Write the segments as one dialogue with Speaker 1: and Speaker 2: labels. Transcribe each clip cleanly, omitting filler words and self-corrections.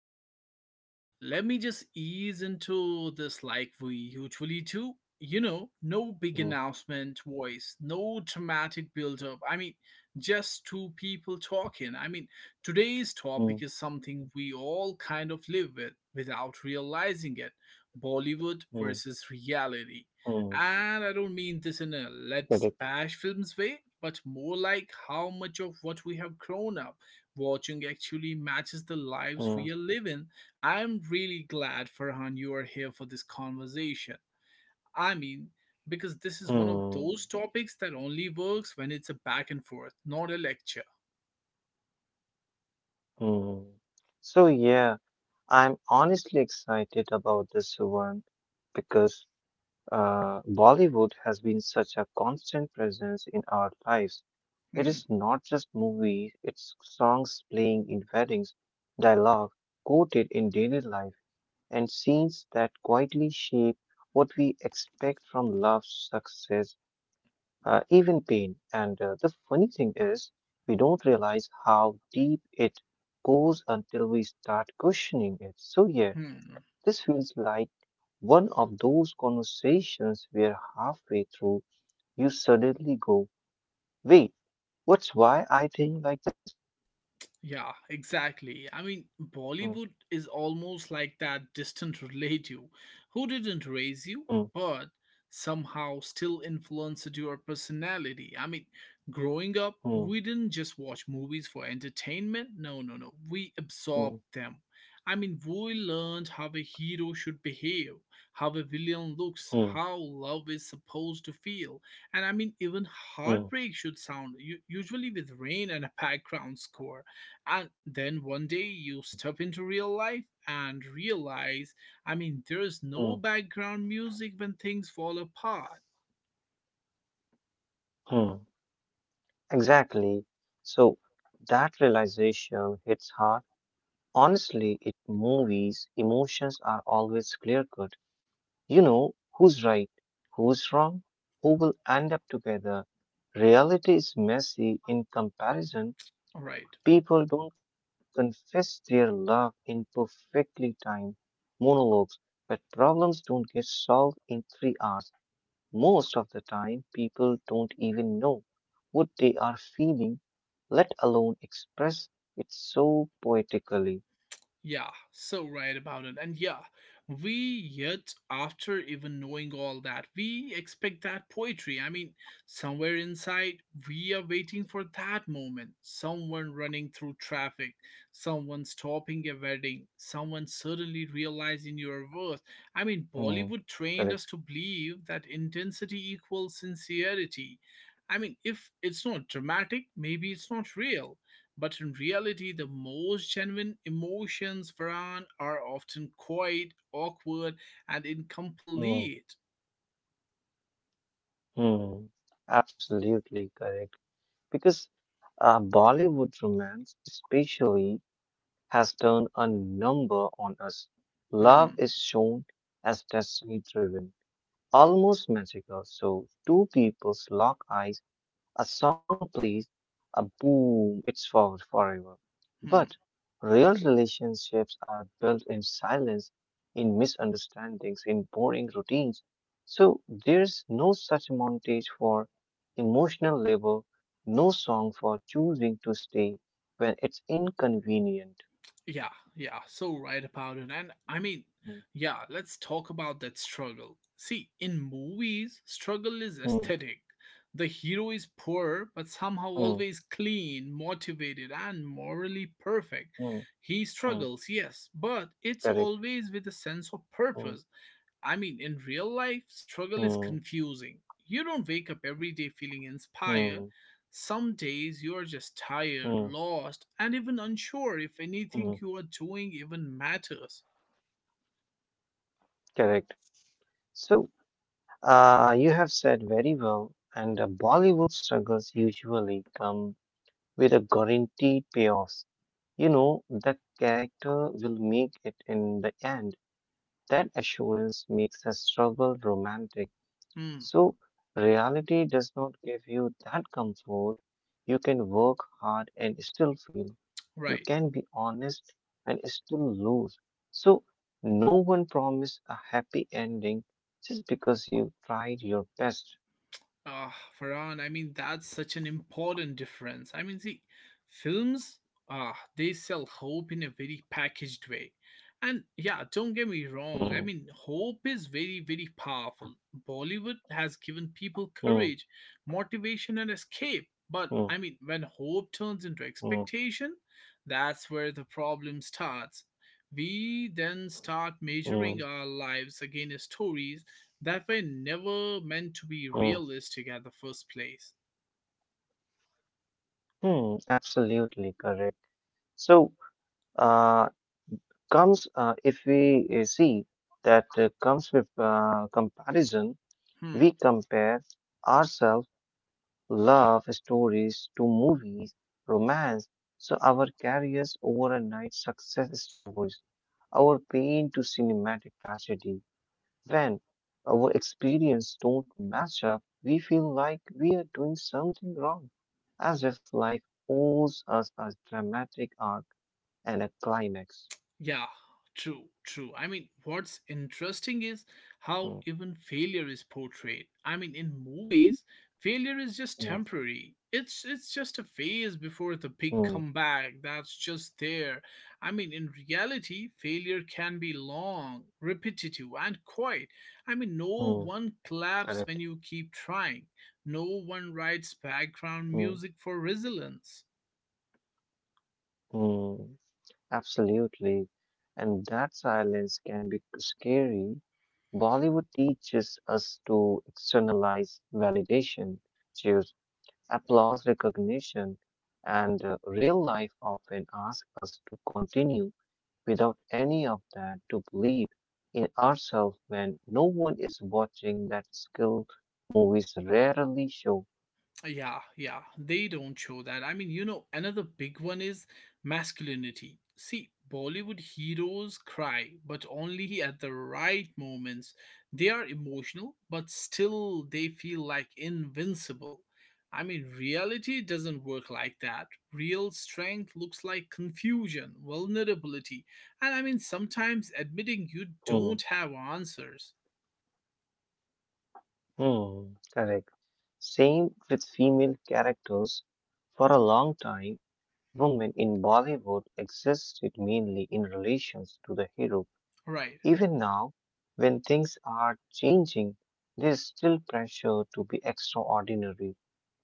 Speaker 1: something new, let me just ease into this like we usually do. No big announcement
Speaker 2: Mm,
Speaker 1: voice, no dramatic build up. I mean, just two people talking. I mean, today's topic is something we
Speaker 2: mm,
Speaker 1: all kind of live with without realizing it.
Speaker 2: mm,
Speaker 1: Bollywood versus reality.
Speaker 2: mm.
Speaker 1: And I don't mean this in a
Speaker 2: Correct.
Speaker 1: let's bash films way, but more like how much of what we have grown up watching actually matches the lives
Speaker 2: Mm,
Speaker 1: we are living. I'm really glad, Farhan, you are here for this conversation. I mean, because this is one of
Speaker 2: mm,
Speaker 1: those topics that only works when it's a back and forth, not a lecture.
Speaker 2: mm. So yeah, I'm honestly excited about this one because Bollywood has been such a constant presence in our lives. It
Speaker 1: Hmm.
Speaker 2: is not just movies, it's songs playing in weddings, dialogue quoted in daily life, and scenes that quietly shape what we expect from love, success, even pain. And the funny thing is, we don't realize how deep it goes until we start questioning it. So, yeah,
Speaker 1: Hmm.
Speaker 2: this feels like one of those conversations where halfway through you suddenly go, wait, what's why I think like.
Speaker 1: Yeah, exactly. I mean, Bollywood
Speaker 2: Hmm,
Speaker 1: is almost like that distant relative who didn't raise
Speaker 2: hmm,
Speaker 1: you, but somehow still influenced your personality. I mean, growing up,
Speaker 2: hmm,
Speaker 1: we didn't just watch movies for entertainment. No, no, no. We
Speaker 2: hmm,
Speaker 1: absorbed them. I mean, we learned how a hero should behave, how a villain looks,
Speaker 2: hmm,
Speaker 1: how love is supposed to feel. And I mean, even
Speaker 2: hmm,
Speaker 1: heartbreak should sound usually with rain and a background score. And then
Speaker 2: hmm,
Speaker 1: one day you step into real life and realize,
Speaker 2: hmm,
Speaker 1: I
Speaker 2: hmm,
Speaker 1: mean, there's no background music when things fall apart.
Speaker 2: hmm. Exactly. So that realization hits hard. Honestly, it movies, emotions are always clear cut. You know who's right, who's wrong, who will end up together. Reality is messy in comparison.
Speaker 1: All right.
Speaker 2: People don't confess their love in perfectly timed monologues, but problems don't get solved in 3 hours. Most of the time, people don't even know what they are feeling, let alone express it so poetically.
Speaker 1: Yeah, so right about it. And yeah, we yet, after even knowing all that, we expect that poetry. I mean, somewhere inside, we are waiting for that moment. Someone running through traffic, someone stopping a wedding, someone suddenly realizing your worth. I mean, Bollywood
Speaker 2: Hmm,
Speaker 1: trained us to
Speaker 2: correct.
Speaker 1: believe that intensity equals sincerity. I mean, if it's not dramatic, maybe it's not real. But in reality, the most genuine emotions, Farhan, are often quiet, awkward, and
Speaker 2: Hmm,
Speaker 1: incomplete.
Speaker 2: hmm, absolutely correct. Because Bollywood romance, especially, has done a number on us. Love
Speaker 1: Hmm,
Speaker 2: is shown as destiny driven, almost magical. So, two people's lock eyes. A song plays, a boom, it's for forever.
Speaker 1: hmm.
Speaker 2: But real relationships are built in silence, in misunderstandings, in boring routines. So there's no such montage for emotional labor, no song for choosing to stay when it's inconvenient.
Speaker 1: Yeah, yeah, so right about it. And I mean,
Speaker 2: Mm,
Speaker 1: yeah, let's talk about that struggle. See, in movies, struggle is
Speaker 2: mm,
Speaker 1: aesthetic. The hero is poor, but somehow
Speaker 2: mm,
Speaker 1: always clean, motivated, and morally perfect.
Speaker 2: mm,
Speaker 1: He
Speaker 2: mm,
Speaker 1: struggles, yes, but it's
Speaker 2: correct.
Speaker 1: always with a sense of
Speaker 2: Mm,
Speaker 1: purpose. I mean, in real life, struggle is
Speaker 2: mm,
Speaker 1: confusing. You don't wake up every day feeling
Speaker 2: mm,
Speaker 1: inspired. Some days you are just tired,
Speaker 2: mm,
Speaker 1: lost, and even unsure if
Speaker 2: mm,
Speaker 1: anything you are doing even matters.
Speaker 2: correct. So you have said very well, and Bollywood struggles usually come with a guaranteed payoff. You know, the character will make it in the end. That assurance makes the struggle romantic.
Speaker 1: Hmm,
Speaker 2: So, reality does not give you that comfort. You can work hard and still fail. You
Speaker 1: right.
Speaker 2: can be honest and still lose. So, no one promised a happy ending just because you tried your best.
Speaker 1: Farhan, I mean, that's such an important difference. I mean, see, films, they sell hope in a very packaged way. And yeah, don't get me wrong, I
Speaker 2: Hmm,
Speaker 1: mean, hope is very, very powerful. Bollywood has given people
Speaker 2: hmm,
Speaker 1: courage, motivation, and escape. But
Speaker 2: hmm,
Speaker 1: I mean, when hope turns into
Speaker 2: hmm,
Speaker 1: expectation, that's where the problem starts. We then start measuring
Speaker 2: hmm,
Speaker 1: our lives against stories that were never meant to be
Speaker 2: hmm,
Speaker 1: realistic at the first place.
Speaker 2: hmm, absolutely correct. So, uh, comes if we see that comes with comparison,
Speaker 1: Hmm.
Speaker 2: we compare ourselves love stories to movies, romance. So our careers overnight success stories, our pain to cinematic tragedy. When our experience don't match up, we feel like we are doing something wrong, as if life owes us a dramatic arc and a climax.
Speaker 1: Yeah, true, true. I mean, what's interesting is how
Speaker 2: Mm,
Speaker 1: even failure is portrayed. I mean, in movies, failure is
Speaker 2: mm,
Speaker 1: just temporary. It's just a phase before the
Speaker 2: mm,
Speaker 1: big comeback that's just there. I mean, in reality, failure can be long, repetitive, and quiet. I mean,
Speaker 2: mm,
Speaker 1: no one
Speaker 2: correct.
Speaker 1: claps when you keep trying. No one writes background
Speaker 2: Mm,
Speaker 1: music for resilience.
Speaker 2: mm, absolutely. And that silence can be scary. Bollywood teaches us to externalize validation, choose applause recognition, and real life often asks us to continue without any of that, to believe in ourselves when no one is watching that skill movies rarely show.
Speaker 1: Yeah, yeah, they don't show that. I mean, another big one is masculinity. See, Bollywood heroes cry, but only at the right moments. They are emotional, but still they feel like invincible. I mean, reality doesn't work like that. Real strength looks like confusion, vulnerability, and I mean, sometimes admitting you
Speaker 2: Hmm,
Speaker 1: don't have answers.
Speaker 2: hmm, correct. Same with female characters. For a long time, women in Bollywood existed mainly in relations to the hero.
Speaker 1: Right.
Speaker 2: Even now, when things are changing, there is still pressure to be extraordinary.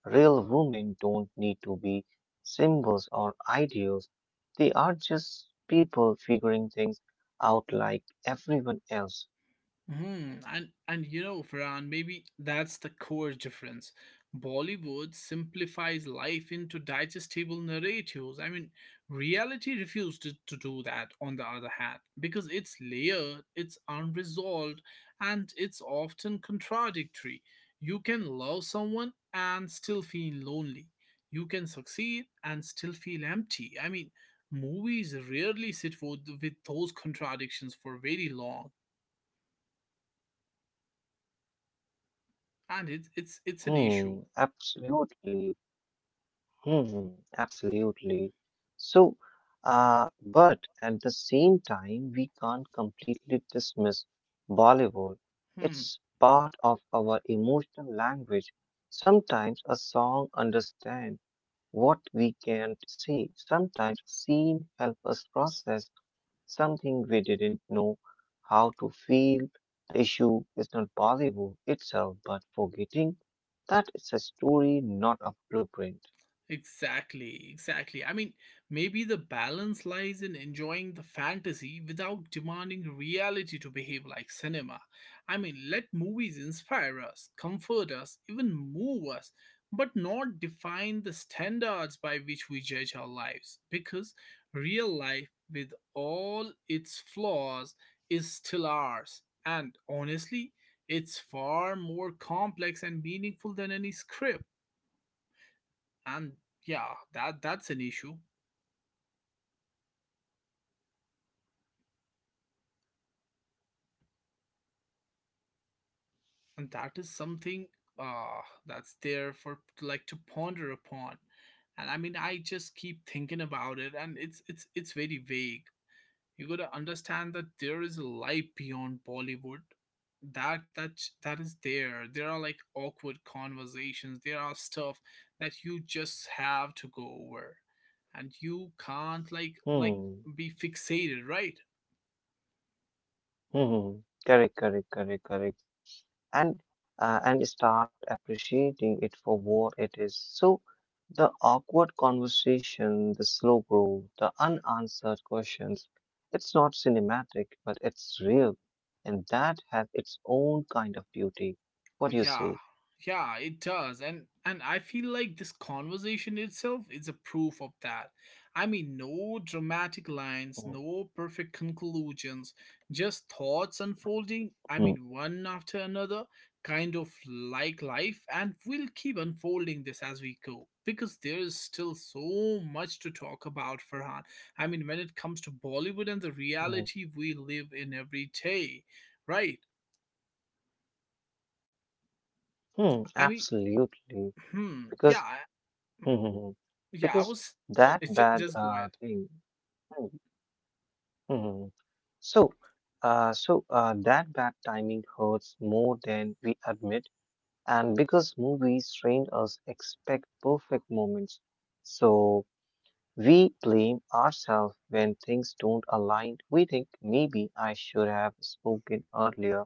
Speaker 2: Real women don't need to be symbols or ideals. They are just people figuring things out like everyone else.
Speaker 1: And Farhan, maybe that's the core difference. Bollywood simplifies life into digestible narratives. I mean, reality refused to do that, on the other hand, because it's layered, it's unresolved, and it's often contradictory. You can love someone and still feel lonely. You can succeed and still feel empty. I mean, movies rarely sit with those contradictions for very long, and it's an issue.
Speaker 2: Hmm, absolutely. Hmm, absolutely. So, but at the same time, we can't completely dismiss Bollywood.
Speaker 1: Hmm.
Speaker 2: It's part of our emotional language. Sometimes a song understands what we can't see. Sometimes a scene helps us process something we didn't know how to feel. The issue is not Bollywood itself, but forgetting that it's a story, not a blueprint.
Speaker 1: Exactly, exactly. I mean, maybe the balance lies in enjoying the fantasy without demanding reality to behave like cinema. I mean, let movies inspire us, comfort us, even move us, but not define the standards by which we judge our lives. Because real life, with all its flaws, is still ours. And honestly, it's far more complex and meaningful than any script. And yeah,
Speaker 2: Mm,
Speaker 1: that's an issue.
Speaker 2: correct, correct, correct. Mm-hmm. So maybe, Ishfaq, that's a where maturity comes in when you
Speaker 1: And
Speaker 2: stop
Speaker 1: that is
Speaker 2: asking
Speaker 1: something,
Speaker 2: life to feel like a
Speaker 1: that's there
Speaker 2: movie.
Speaker 1: for like to ponder upon.
Speaker 2: So,
Speaker 1: And I mean, I just keep thinking about
Speaker 2: mm,
Speaker 1: it, and it's very vague. You got to understand that there is a
Speaker 2: mm,
Speaker 1: life beyond Bollywood, that is There are
Speaker 2: mm,
Speaker 1: like awkward conversations, there are stuff that you just have to go over, and you can't like
Speaker 2: mm.
Speaker 1: be fixated, right?
Speaker 2: Hmm, correct, correct, correct, correct. And and start appreciating it for what it is. So the awkward conversation, the slow growth, the unanswered questions, it's not cinematic, but it's real. And that has its own kind of beauty. What
Speaker 1: Yeah,
Speaker 2: do you say?
Speaker 1: yeah, it does. And I feel like this conversation itself is a proof of that. I mean, no dramatic lines,
Speaker 2: Hmm,
Speaker 1: no perfect conclusions, just thoughts unfolding, I
Speaker 2: hmm,
Speaker 1: mean, one after another, kind of like life, and we'll keep unfolding this as we go. Because there is still so much to talk about, Farhan. I mean, when it comes to Bollywood and the
Speaker 2: hmm,
Speaker 1: reality we live in every day, right?
Speaker 2: hmm,
Speaker 1: I mean,
Speaker 2: absolutely.
Speaker 1: hmm.
Speaker 2: Because
Speaker 1: Yeah,
Speaker 2: hmm, hmm.
Speaker 1: yeah, I
Speaker 2: Because
Speaker 1: was
Speaker 2: that
Speaker 1: it's ju-
Speaker 2: bad
Speaker 1: just go ahead.
Speaker 2: thing. Hmm, hmm. So, that bad timing hurts more than we admit, and because movies train us expect perfect moments, so we blame ourselves when things don't align. We think maybe I should have spoken earlier,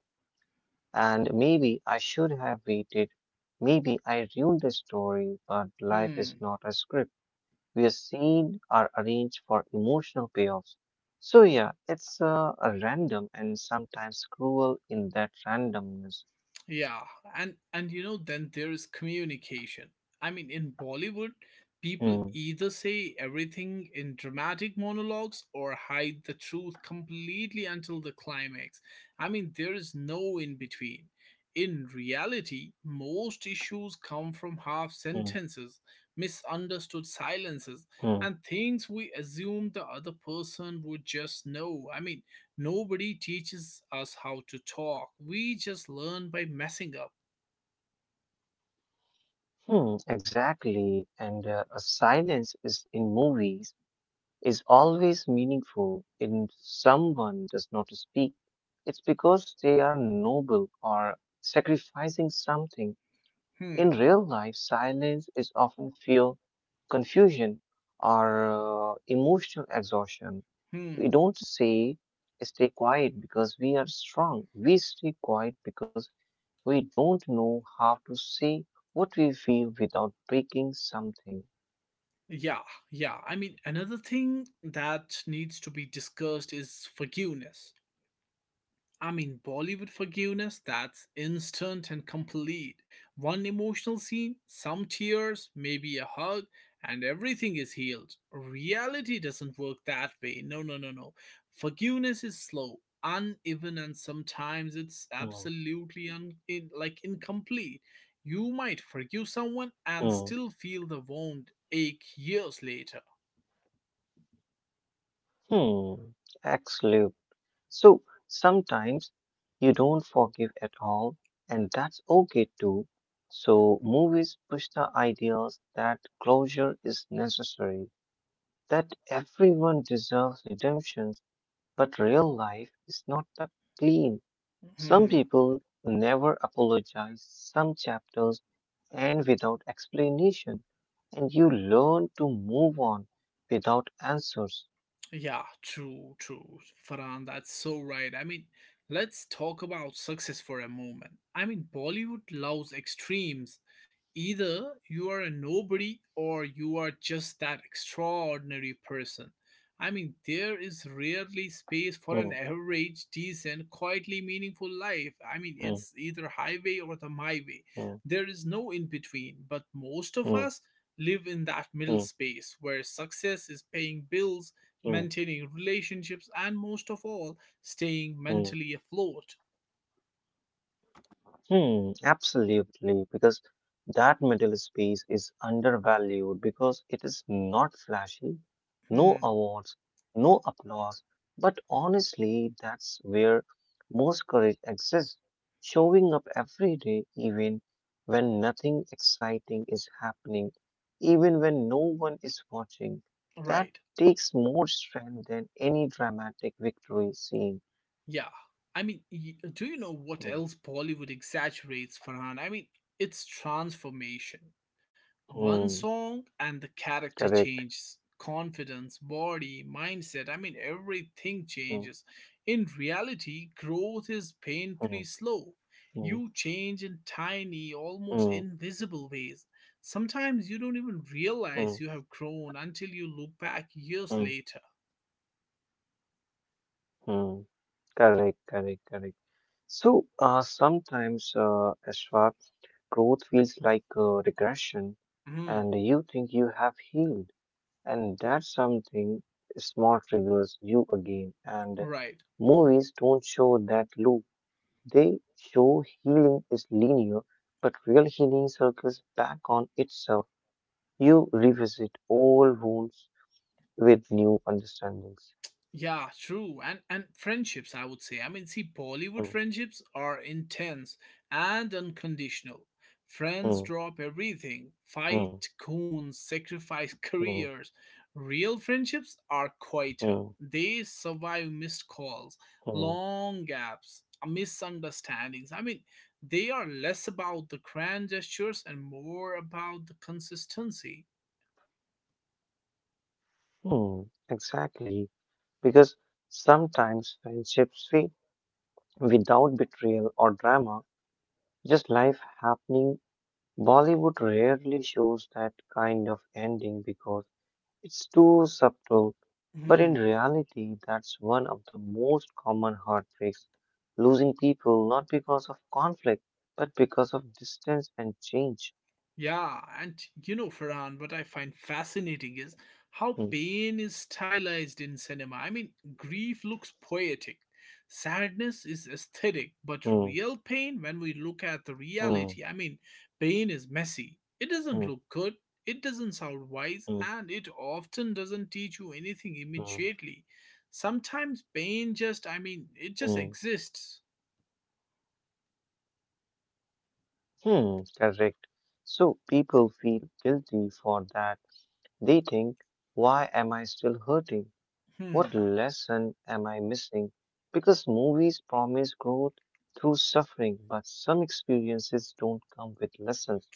Speaker 2: and maybe I should have waited. Maybe I ruined the story, but life is
Speaker 1: Hmm.
Speaker 2: not a script we are seen are arranged for emotional payoffs. So yeah, it's a random and sometimes cruel in that randomness.
Speaker 1: Yeah. And then there is communication. I mean, in Bollywood, people
Speaker 2: Hmm,
Speaker 1: either say everything in dramatic monologues or hide the truth completely until the climax. I mean, there is no in between. In reality, most issues come from half
Speaker 2: hmm,
Speaker 1: sentences, misunderstood silences,
Speaker 2: hmm,
Speaker 1: and things we assume the other person would just know. I mean, nobody teaches us how to talk. We just learn by messing up.
Speaker 2: hmm, exactly. And a silence is in movies is always meaningful. If someone does not speak, it's because they are noble or sacrificing something. In
Speaker 1: Hmm,
Speaker 2: real life, silence is often fuel confusion or emotional exhaustion. We
Speaker 1: hmm.
Speaker 2: don't say stay quiet because we are strong. We stay quiet because we don't know how to say what we feel without breaking something.
Speaker 1: Yeah, yeah. I mean, another thing that needs to be discussed is forgiveness. I mean, Bollywood forgiveness that's instant and complete. One emotional scene, some tears, maybe a hug, and everything is healed. Reality doesn't work that way. No, no, no, no. Forgiveness is slow, uneven, and sometimes it's
Speaker 2: Mm,
Speaker 1: absolutely like incomplete. You might forgive someone and still
Speaker 2: mm,
Speaker 1: feel the wound ache years later.
Speaker 2: hmm, excellent. So sometimes you don't forgive at all, and that's okay too. So, movies push the ideas that closure is necessary, that everyone deserves redemptions, but real life is not that clean. Some
Speaker 1: Mm-hmm.
Speaker 2: people never apologize, some chapters end without explanation, and you learn to move on without answers.
Speaker 1: Yeah, true, true. Farhan, that's so right. I mean, let's talk about success for a moment. I mean, Bollywood loves extremes. Either you are a nobody or you are just that extraordinary person. I mean, there is rarely
Speaker 2: Hmm,
Speaker 1: space for an average, decent, quietly meaningful life. I
Speaker 2: hmm,
Speaker 1: mean, it's either highway or the my
Speaker 2: hmm,
Speaker 1: way. There is no in between, but
Speaker 2: hmm,
Speaker 1: most of us live in that
Speaker 2: hmm,
Speaker 1: middle space where success is paying bills,
Speaker 2: hmm,
Speaker 1: maintaining relationships, and most of all, staying
Speaker 2: hmm.
Speaker 1: mentally afloat.
Speaker 2: Hmm, absolutely, because that middle space is undervalued because it is not flashy, no
Speaker 1: Hmm,
Speaker 2: awards, no applause, but honestly, that's where most courage exists. Showing up every day, even when nothing exciting is happening, even when no one is watching, that
Speaker 1: right.
Speaker 2: takes more strength than any dramatic victory scene.
Speaker 1: Yeah. I mean, do you know what else
Speaker 2: Hmm,
Speaker 1: Bollywood exaggerates, Farhan? I mean, it's transformation.
Speaker 2: hmm,
Speaker 1: One song and the
Speaker 2: correct.
Speaker 1: character changes confidence, body, mindset. I mean,
Speaker 2: Hmm,
Speaker 1: everything changes. In reality, growth is
Speaker 2: hmm,
Speaker 1: painfully slow.
Speaker 2: hmm.
Speaker 1: You change in tiny,
Speaker 2: Mm,
Speaker 1: almost invisible ways. Sometimes you don't even
Speaker 2: mm,
Speaker 1: realize you have grown until you look back years
Speaker 2: mm,
Speaker 1: later.
Speaker 2: mm, correct, correct, correct. So sometimes, Ashwak, growth feels like regression, and
Speaker 1: Hmm.
Speaker 2: you think you have healed, and that's something small triggers you again. And
Speaker 1: Right.
Speaker 2: movies don't show that loop. They show healing is linear, but real healing circles back on itself. You revisit old wounds with new understandings.
Speaker 1: Yeah, true. And friendships, I would say. I mean, see, Bollywood
Speaker 2: Mm,
Speaker 1: friendships are intense and unconditional. Friends
Speaker 2: mm,
Speaker 1: drop everything,
Speaker 2: mm.
Speaker 1: fight coons, sacrifice
Speaker 2: Hmm,
Speaker 1: careers. Real friendships are quieter.
Speaker 2: hmm,
Speaker 1: They survive missed calls,
Speaker 2: hmm,
Speaker 1: long gaps, misunderstandings. I mean, they are less about the grand gestures and more about the consistency.
Speaker 2: mm, exactly, because sometimes friendships fade without betrayal or drama, just life happening. Bollywood rarely shows that kind of ending because it's too subtle. But in
Speaker 1: Hmm.
Speaker 2: reality, that's one of the most common heartbreaks, losing people not because of conflict, but because of distance and change.
Speaker 1: Yeah, and Farhan, what I find fascinating is how
Speaker 2: Hmm,
Speaker 1: pain is stylized in cinema. I mean, grief looks poetic, sadness is aesthetic, but
Speaker 2: hmm,
Speaker 1: real pain, when we look at the
Speaker 2: hmm,
Speaker 1: reality, I mean, pain is messy. It doesn't
Speaker 2: hmm,
Speaker 1: look good, it doesn't sound wise,
Speaker 2: hmm,
Speaker 1: and it often doesn't teach you anything
Speaker 2: hmm,
Speaker 1: immediately. Sometimes pain just, I mean, it
Speaker 2: mm,
Speaker 1: just exists.
Speaker 2: hmm, correct. So people feel guilty for that. They think, why am I still hurting?
Speaker 1: Hmm.
Speaker 2: What lesson am I missing? Because movies promise growth through suffering, but some experiences don't come with lessons.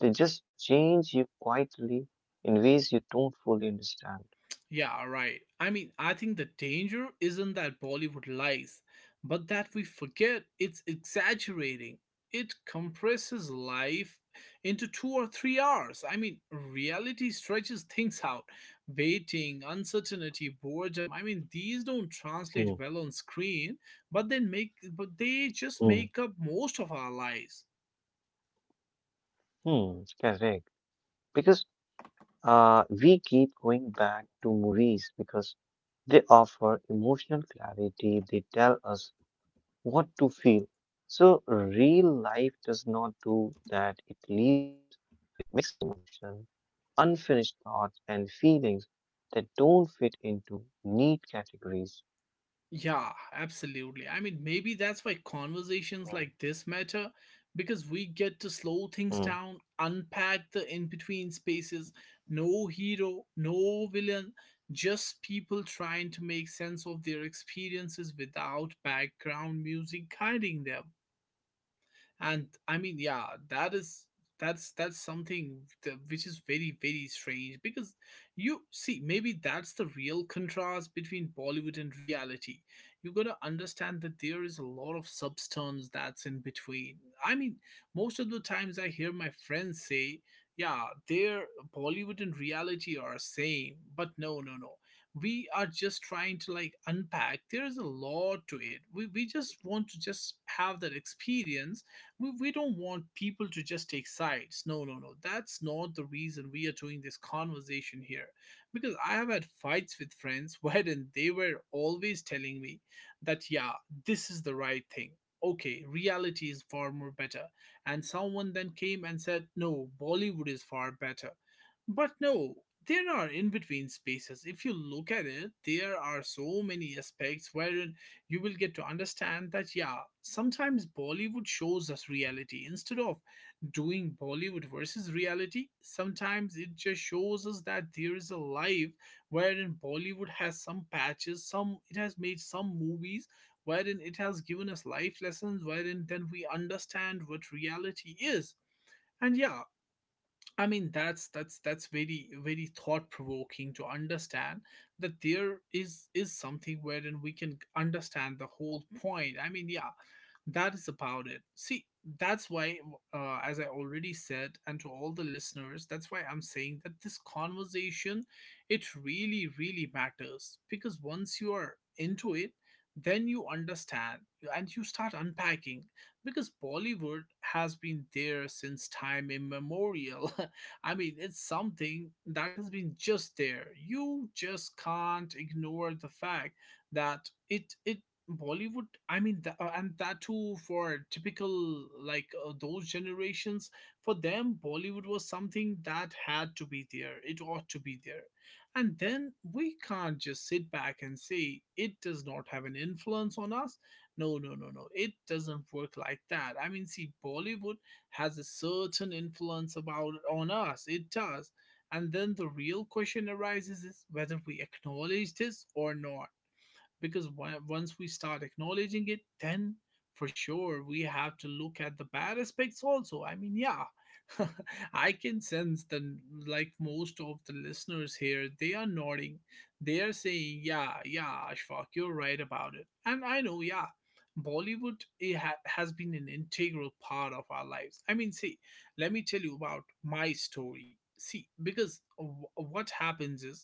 Speaker 2: They just change you quietly in ways you don't fully understand.
Speaker 1: Yeah, right. I mean, I think the danger isn't that Bollywood lies, but that we forget it's exaggerating. It compresses life into 2 or 3 hours. I mean, reality stretches things out. Waiting, uncertainty, boredom. I mean, these don't translate
Speaker 2: Hmm,
Speaker 1: well on screen, but they make but they just
Speaker 2: hmm,
Speaker 1: make up most of our lives.
Speaker 2: hmm, correct. Because we keep going back to movies because they offer emotional clarity, they tell us what to feel. So, real life does not do that, it leaves us with mixed emotion, unfinished thoughts, and feelings that don't fit into neat categories.
Speaker 1: Yeah, absolutely. I mean, maybe that's why
Speaker 2: Mm,
Speaker 1: conversations like this matter, because we get to slow
Speaker 2: mm,
Speaker 1: things down, unpack the in between spaces. No hero, no villain, just people trying to make sense of their experiences without background music guiding them. And I mean, yeah, that is, that's something which is very, very strange. Because you see, maybe that's the real contrast between Bollywood and reality. You got to understand that there is a lot of substance that's in between. I mean, most of the times I hear my friends say, yeah, their Bollywood and reality are same, but no, no, no, we are just trying to like unpack. There is a lot to it. We just want to just have that experience. We don't want people to just take sides. No, no, no. That's not the reason we are doing this conversation here. Because I have had fights with friends wherein they were always telling me that, yeah, this is the right thing. Okay, reality is far more better. And someone then came and said, no, Bollywood is far better. But no, there are in between spaces. If you look at it, there are so many aspects wherein you will get to understand that, yeah, sometimes Bollywood shows us reality. Instead of doing Bollywood versus reality, sometimes it just shows us that there is a life wherein Bollywood has some patches, some it has made some movies wherein it has given us life lessons, wherein then we understand what reality is. And yeah, I mean that's very very thought provoking to understand that there is something wherein we can understand the whole point. I mean, yeah, that is about it, see that's why as I already said, and to all the listeners, that's why I'm saying that this conversation it really really matters, because once you are into it then you understand and you start unpacking, because Bollywood has been there since time immemorial. I mean, it's something that has been just there, you just can't ignore the fact that it Bollywood, I mean, and that too for typical, like, those generations, for them, Bollywood was something that had to be there. It ought to be there. And then we can't just sit back and say it does not have an influence on us. No, no, no, no. It doesn't work like that. I mean, see, Bollywood has a certain influence about on us. It does. And then the real question arises is whether we acknowledge this or not, because once we start acknowledging it, then for sure we have to look at the bad aspects also. I mean, yeah. I can sense that like most of the listeners here, they are nodding, they are saying yeah, yeah, Ashfaq, you're right about it, and I know. Yeah, Bollywood, it has been an integral part of our lives. I mean, see, let me tell you about my story. See, because what happens is,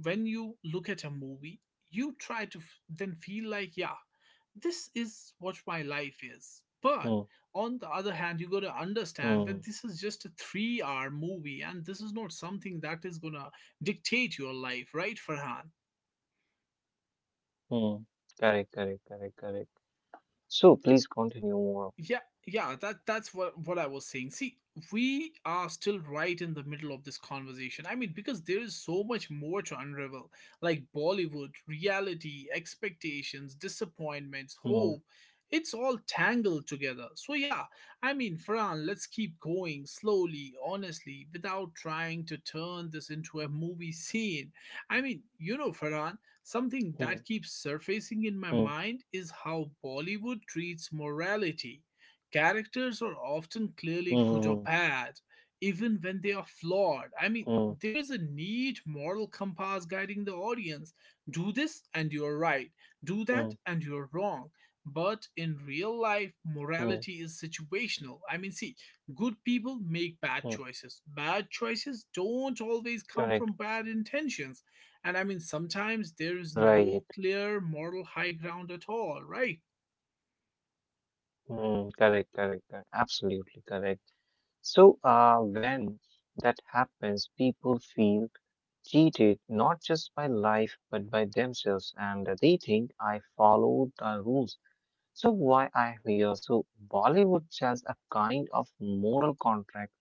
Speaker 1: when you look at a movie, you try to then feel like, yeah, this is what my life is.
Speaker 2: mm,
Speaker 1: But on the other hand, you got to understand
Speaker 2: mm,
Speaker 1: that this is just a 3-hour movie, and this is not something that is going to dictate your life, right, Farhan?
Speaker 2: mm, correct, correct, correct, correct. So, please continue more.
Speaker 1: Yeah, yeah, that's what I was saying. See, we are still right in the middle of this conversation. I mean, because there is so much more to unravel, like Bollywood, reality, expectations, disappointments, hope.
Speaker 2: Mm,
Speaker 1: It's all tangled together, so yeah, I mean, Farhan, let's keep going slowly, honestly, without trying to turn this into a movie scene. I mean, you know Farhan, something that
Speaker 2: mm,
Speaker 1: keeps surfacing in my
Speaker 2: mm,
Speaker 1: mind is how Bollywood treats morality. Characters are often clearly good or
Speaker 2: mm,
Speaker 1: bad, even when they are flawed. I mean,
Speaker 2: mm,
Speaker 1: there's a neat moral compass guiding the audience. Do this and you're right, do that
Speaker 2: mm,
Speaker 1: and you're wrong. But in real life,
Speaker 2: mm,
Speaker 1: morality is situational. I mean, see, good people make bad
Speaker 2: mm,
Speaker 1: choices. Bad choices don't always come from
Speaker 2: correct,
Speaker 1: bad intentions. And I mean, sometimes there is no
Speaker 2: right.
Speaker 1: clear moral high ground at all, right?
Speaker 2: Mm, correct, correct, correct, absolutely correct. So, when that happens, people feel cheated not just by life but by themselves, and they think I followed the rules. So, why I'm here? So, Bollywood sells a kind of moral contract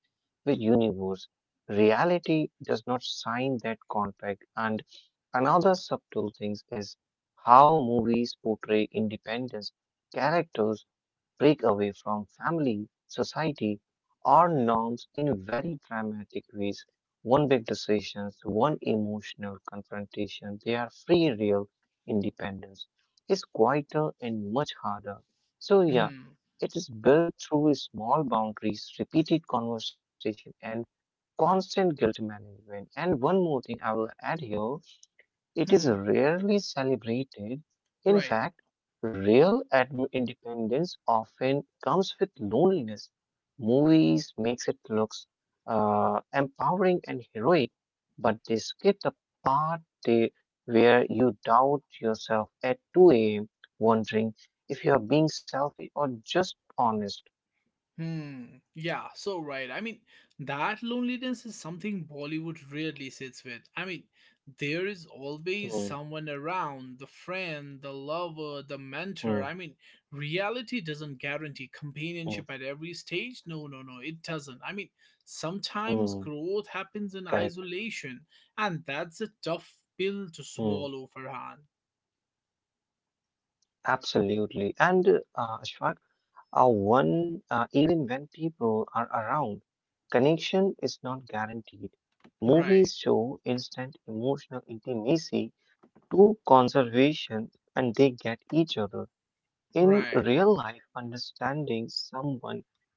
Speaker 2: the universe. Reality does not sign that contract. And another subtle thing is how movies portray independence. Characters break away from family, society, or norms in very dramatic ways. One big decision, one emotional confrontation, they are free, real independence is quieter and much harder. So,
Speaker 1: Hmm,
Speaker 2: yeah. It is built through small boundaries, repeated conversation, and constant guilt management. And one more thing I will add here, it is
Speaker 1: hmm,
Speaker 2: rarely celebrated. In
Speaker 1: right.
Speaker 2: fact, real independence often comes with loneliness. Movies makes it looks empowering and heroic, but they skip the part where you doubt yourself at 2 a.m., wondering if you are being selfish or just honest.
Speaker 1: Hmm. Yeah, so right. I mean, that loneliness is something Bollywood rarely sits with. I mean, there is always
Speaker 2: Hmm,
Speaker 1: someone around, the friend, the lover, the mentor.
Speaker 2: hmm,
Speaker 1: I mean, reality doesn't guarantee
Speaker 2: hmm,
Speaker 1: companionship at every stage. No, no, no, it doesn't. I mean, sometimes
Speaker 2: hmm,
Speaker 1: growth happens in
Speaker 2: correct.
Speaker 1: isolation, and that's a tough pill to
Speaker 2: Hmm,
Speaker 1: swallow, Farhan.
Speaker 2: absolutely. And Ashfaq, one, even when people are around, connection is not guaranteed.
Speaker 1: Right,
Speaker 2: Movies show instant emotional intimacy to conservation and they get each other. In
Speaker 1: right.
Speaker 2: real life, understanding someone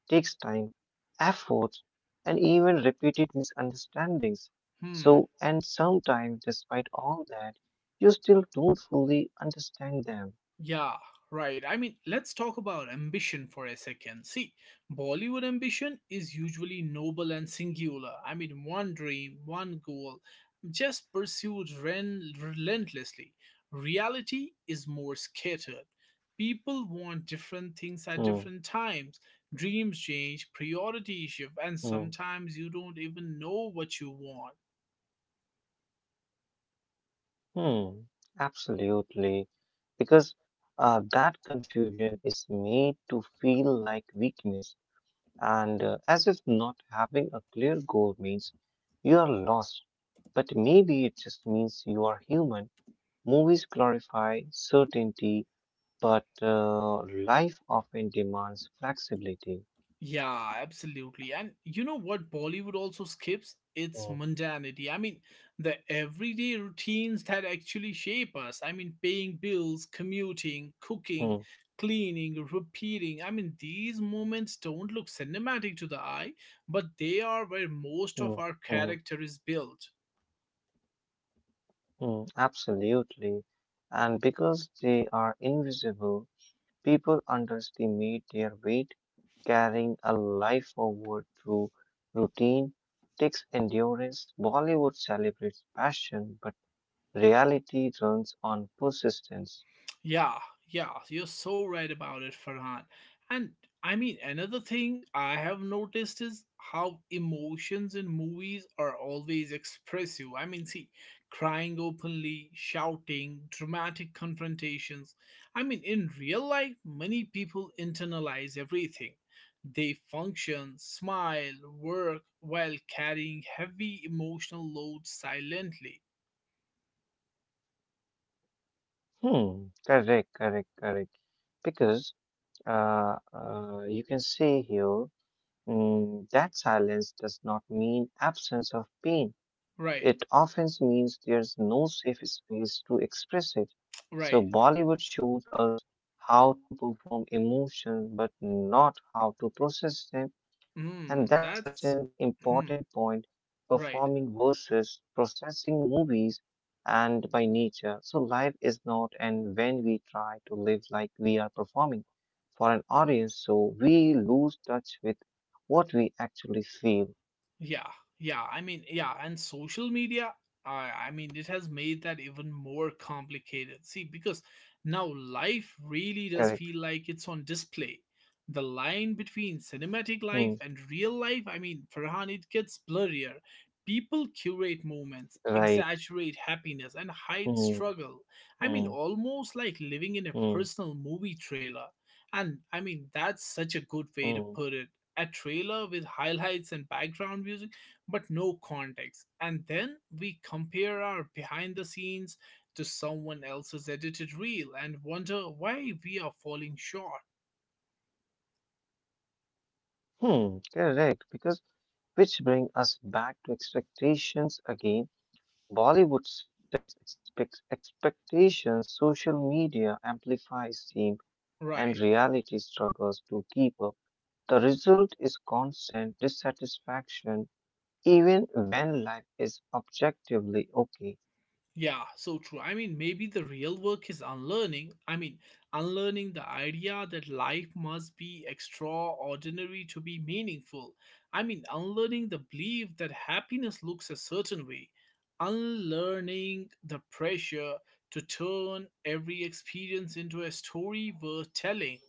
Speaker 2: takes time, effort, and even repeated misunderstandings.
Speaker 1: Hmm.
Speaker 2: So, and sometimes, despite all that, you still don't fully understand them.
Speaker 1: Yeah, right. I mean, let's talk about ambition for a second. See, Bollywood ambition is usually noble and singular. I mean, one dream, one goal, just pursued relentlessly. Reality is more scattered. People want different things at different
Speaker 2: Hmm,
Speaker 1: times. Dreams change, priorities shift, and
Speaker 2: hmm.
Speaker 1: sometimes you don't even know what you want.
Speaker 2: Hmm, absolutely. Because that confusion is made to feel like weakness, and as if not having a clear goal means you are lost. But maybe it just means you are human. Movies glorify certainty, but life often demands flexibility.
Speaker 1: Yeah, absolutely. And you know what Bollywood also skips?
Speaker 2: Mm,
Speaker 1: It's mundanity. I mean, the everyday routines that actually shape us. I mean, paying bills, commuting,
Speaker 2: mm,
Speaker 1: cooking, cleaning, repeating. I mean, these moments don't look cinematic to the eye, but they are where most
Speaker 2: mm,
Speaker 1: of our
Speaker 2: mm,
Speaker 1: character is built.
Speaker 2: mm, absolutely. And because they are invisible, people underestimate their weight. Carrying a life forward through routine takes endurance. Bollywood celebrates passion, but reality runs on persistence.
Speaker 1: Yeah, yeah, you're so right about it, Farhan. And I mean, another thing I have noticed is how emotions in movies are always expressive. I mean, see, crying openly, shouting, dramatic confrontations. I mean, in real life, many people internalize everything. They function, smile, work while carrying heavy emotional loads silently.
Speaker 2: Hmm, correct, correct, correct. Because you can see here, that silence does not mean absence of pain.
Speaker 1: Right,
Speaker 2: It often means there's no safe space to express it. So
Speaker 1: right.
Speaker 2: Bollywood shows us how to perform emotions but not how to process them. And that's
Speaker 1: Hmm,
Speaker 2: such an
Speaker 1: that's.
Speaker 2: important
Speaker 1: Hmm.
Speaker 2: point,
Speaker 1: Right.
Speaker 2: performing versus processing movies and by nature. So life is not, and when we try to live like we are performing for an audience, so we lose touch with what we actually feel.
Speaker 1: Yeah. Yeah. I mean, yeah. And social media, I mean, it has made that even more complicated. See, because now life really does feel
Speaker 2: Correct.
Speaker 1: like it's on display. The line between cinematic life and
Speaker 2: Hmm.
Speaker 1: real life, I mean, Farhan, it gets blurrier. People curate moments,
Speaker 2: Right.
Speaker 1: exaggerate happiness, and hide
Speaker 2: Hmm.
Speaker 1: struggle. I mean,
Speaker 2: Hmm.
Speaker 1: almost like living in a personal
Speaker 2: Mm,
Speaker 1: movie trailer. And I mean, that's such a good way to
Speaker 2: mm,
Speaker 1: put it, a trailer with highlights and background music, but no context. And then we compare our behind the scenes to someone else's edited reel and wonder why we are falling short.
Speaker 2: hmm, correct. Because which bring us back to expectations again. Bollywood sets expectations, social media amplifies them, and
Speaker 1: Right.
Speaker 2: reality struggles to keep up. The result is constant dissatisfaction, even when life is objectively okay.
Speaker 1: Yeah, so true. I mean, maybe the real work is unlearning. I mean, unlearning the idea that life must be extraordinary to be meaningful. I mean, unlearning the belief that happiness looks a certain way. Unlearning the pressure to turn every experience into a story worth telling.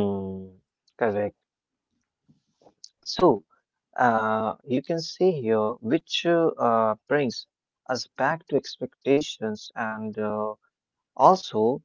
Speaker 2: Hmm, correct. So, you can see here which brings us back to expectations and also,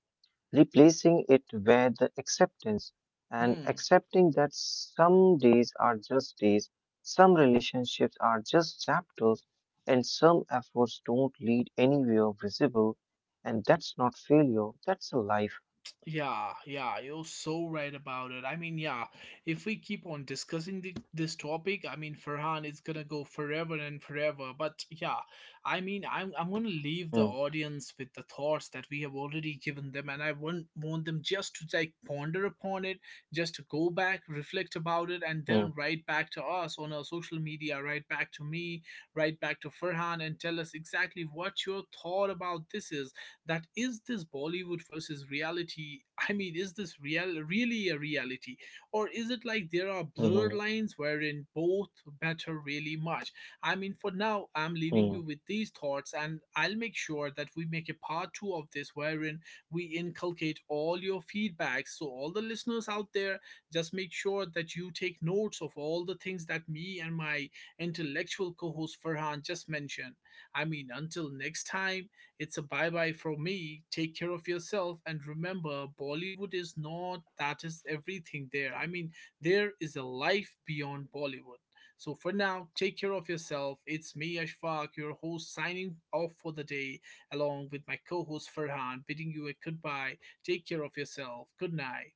Speaker 2: replacing it with the acceptance and
Speaker 1: Hmm.
Speaker 2: accepting that some days are just days, some relationships are just chapters, and some efforts don't lead anywhere visible. And that's not failure, that's a life.
Speaker 1: Yeah, yeah, you're so right about it. I mean, yeah, if we keep on discussing this topic, I mean, Farhan is gonna go forever and forever. But yeah, I mean, I'm gonna leave the
Speaker 2: Hmm,
Speaker 1: audience with the thoughts that we have already given them, and I want them just to like ponder upon it, just to go back, reflect about it, and then
Speaker 2: hmm,
Speaker 1: write back to us on our social media, write back to me, write back to Farhan, and tell us exactly what your thought about this is, that is, this Bollywood versus reality? I mean, is this real really a reality? Or is it like there are blurred lines
Speaker 2: hmm,
Speaker 1: wherein
Speaker 2: hmm,
Speaker 1: both matter really much? I mean, for now, I'm leaving you with these thoughts, and
Speaker 2: hmm.
Speaker 1: I'll make sure that we make a part two of this wherein we inculcate all your feedback. So, all the listeners out there, just make sure that you take notes of all the things that me and my intellectual co host Farhan just mentioned. I mean, until next time, it's a bye bye from me. Take care of yourself. And remember, Bollywood is not that is everything there. I mean, there is a life beyond Bollywood. So for now, take care of yourself. It's me, Ashfaq, your host, signing off for the day, along with my co host, Farhan, bidding you a goodbye. Take care of yourself. Good night.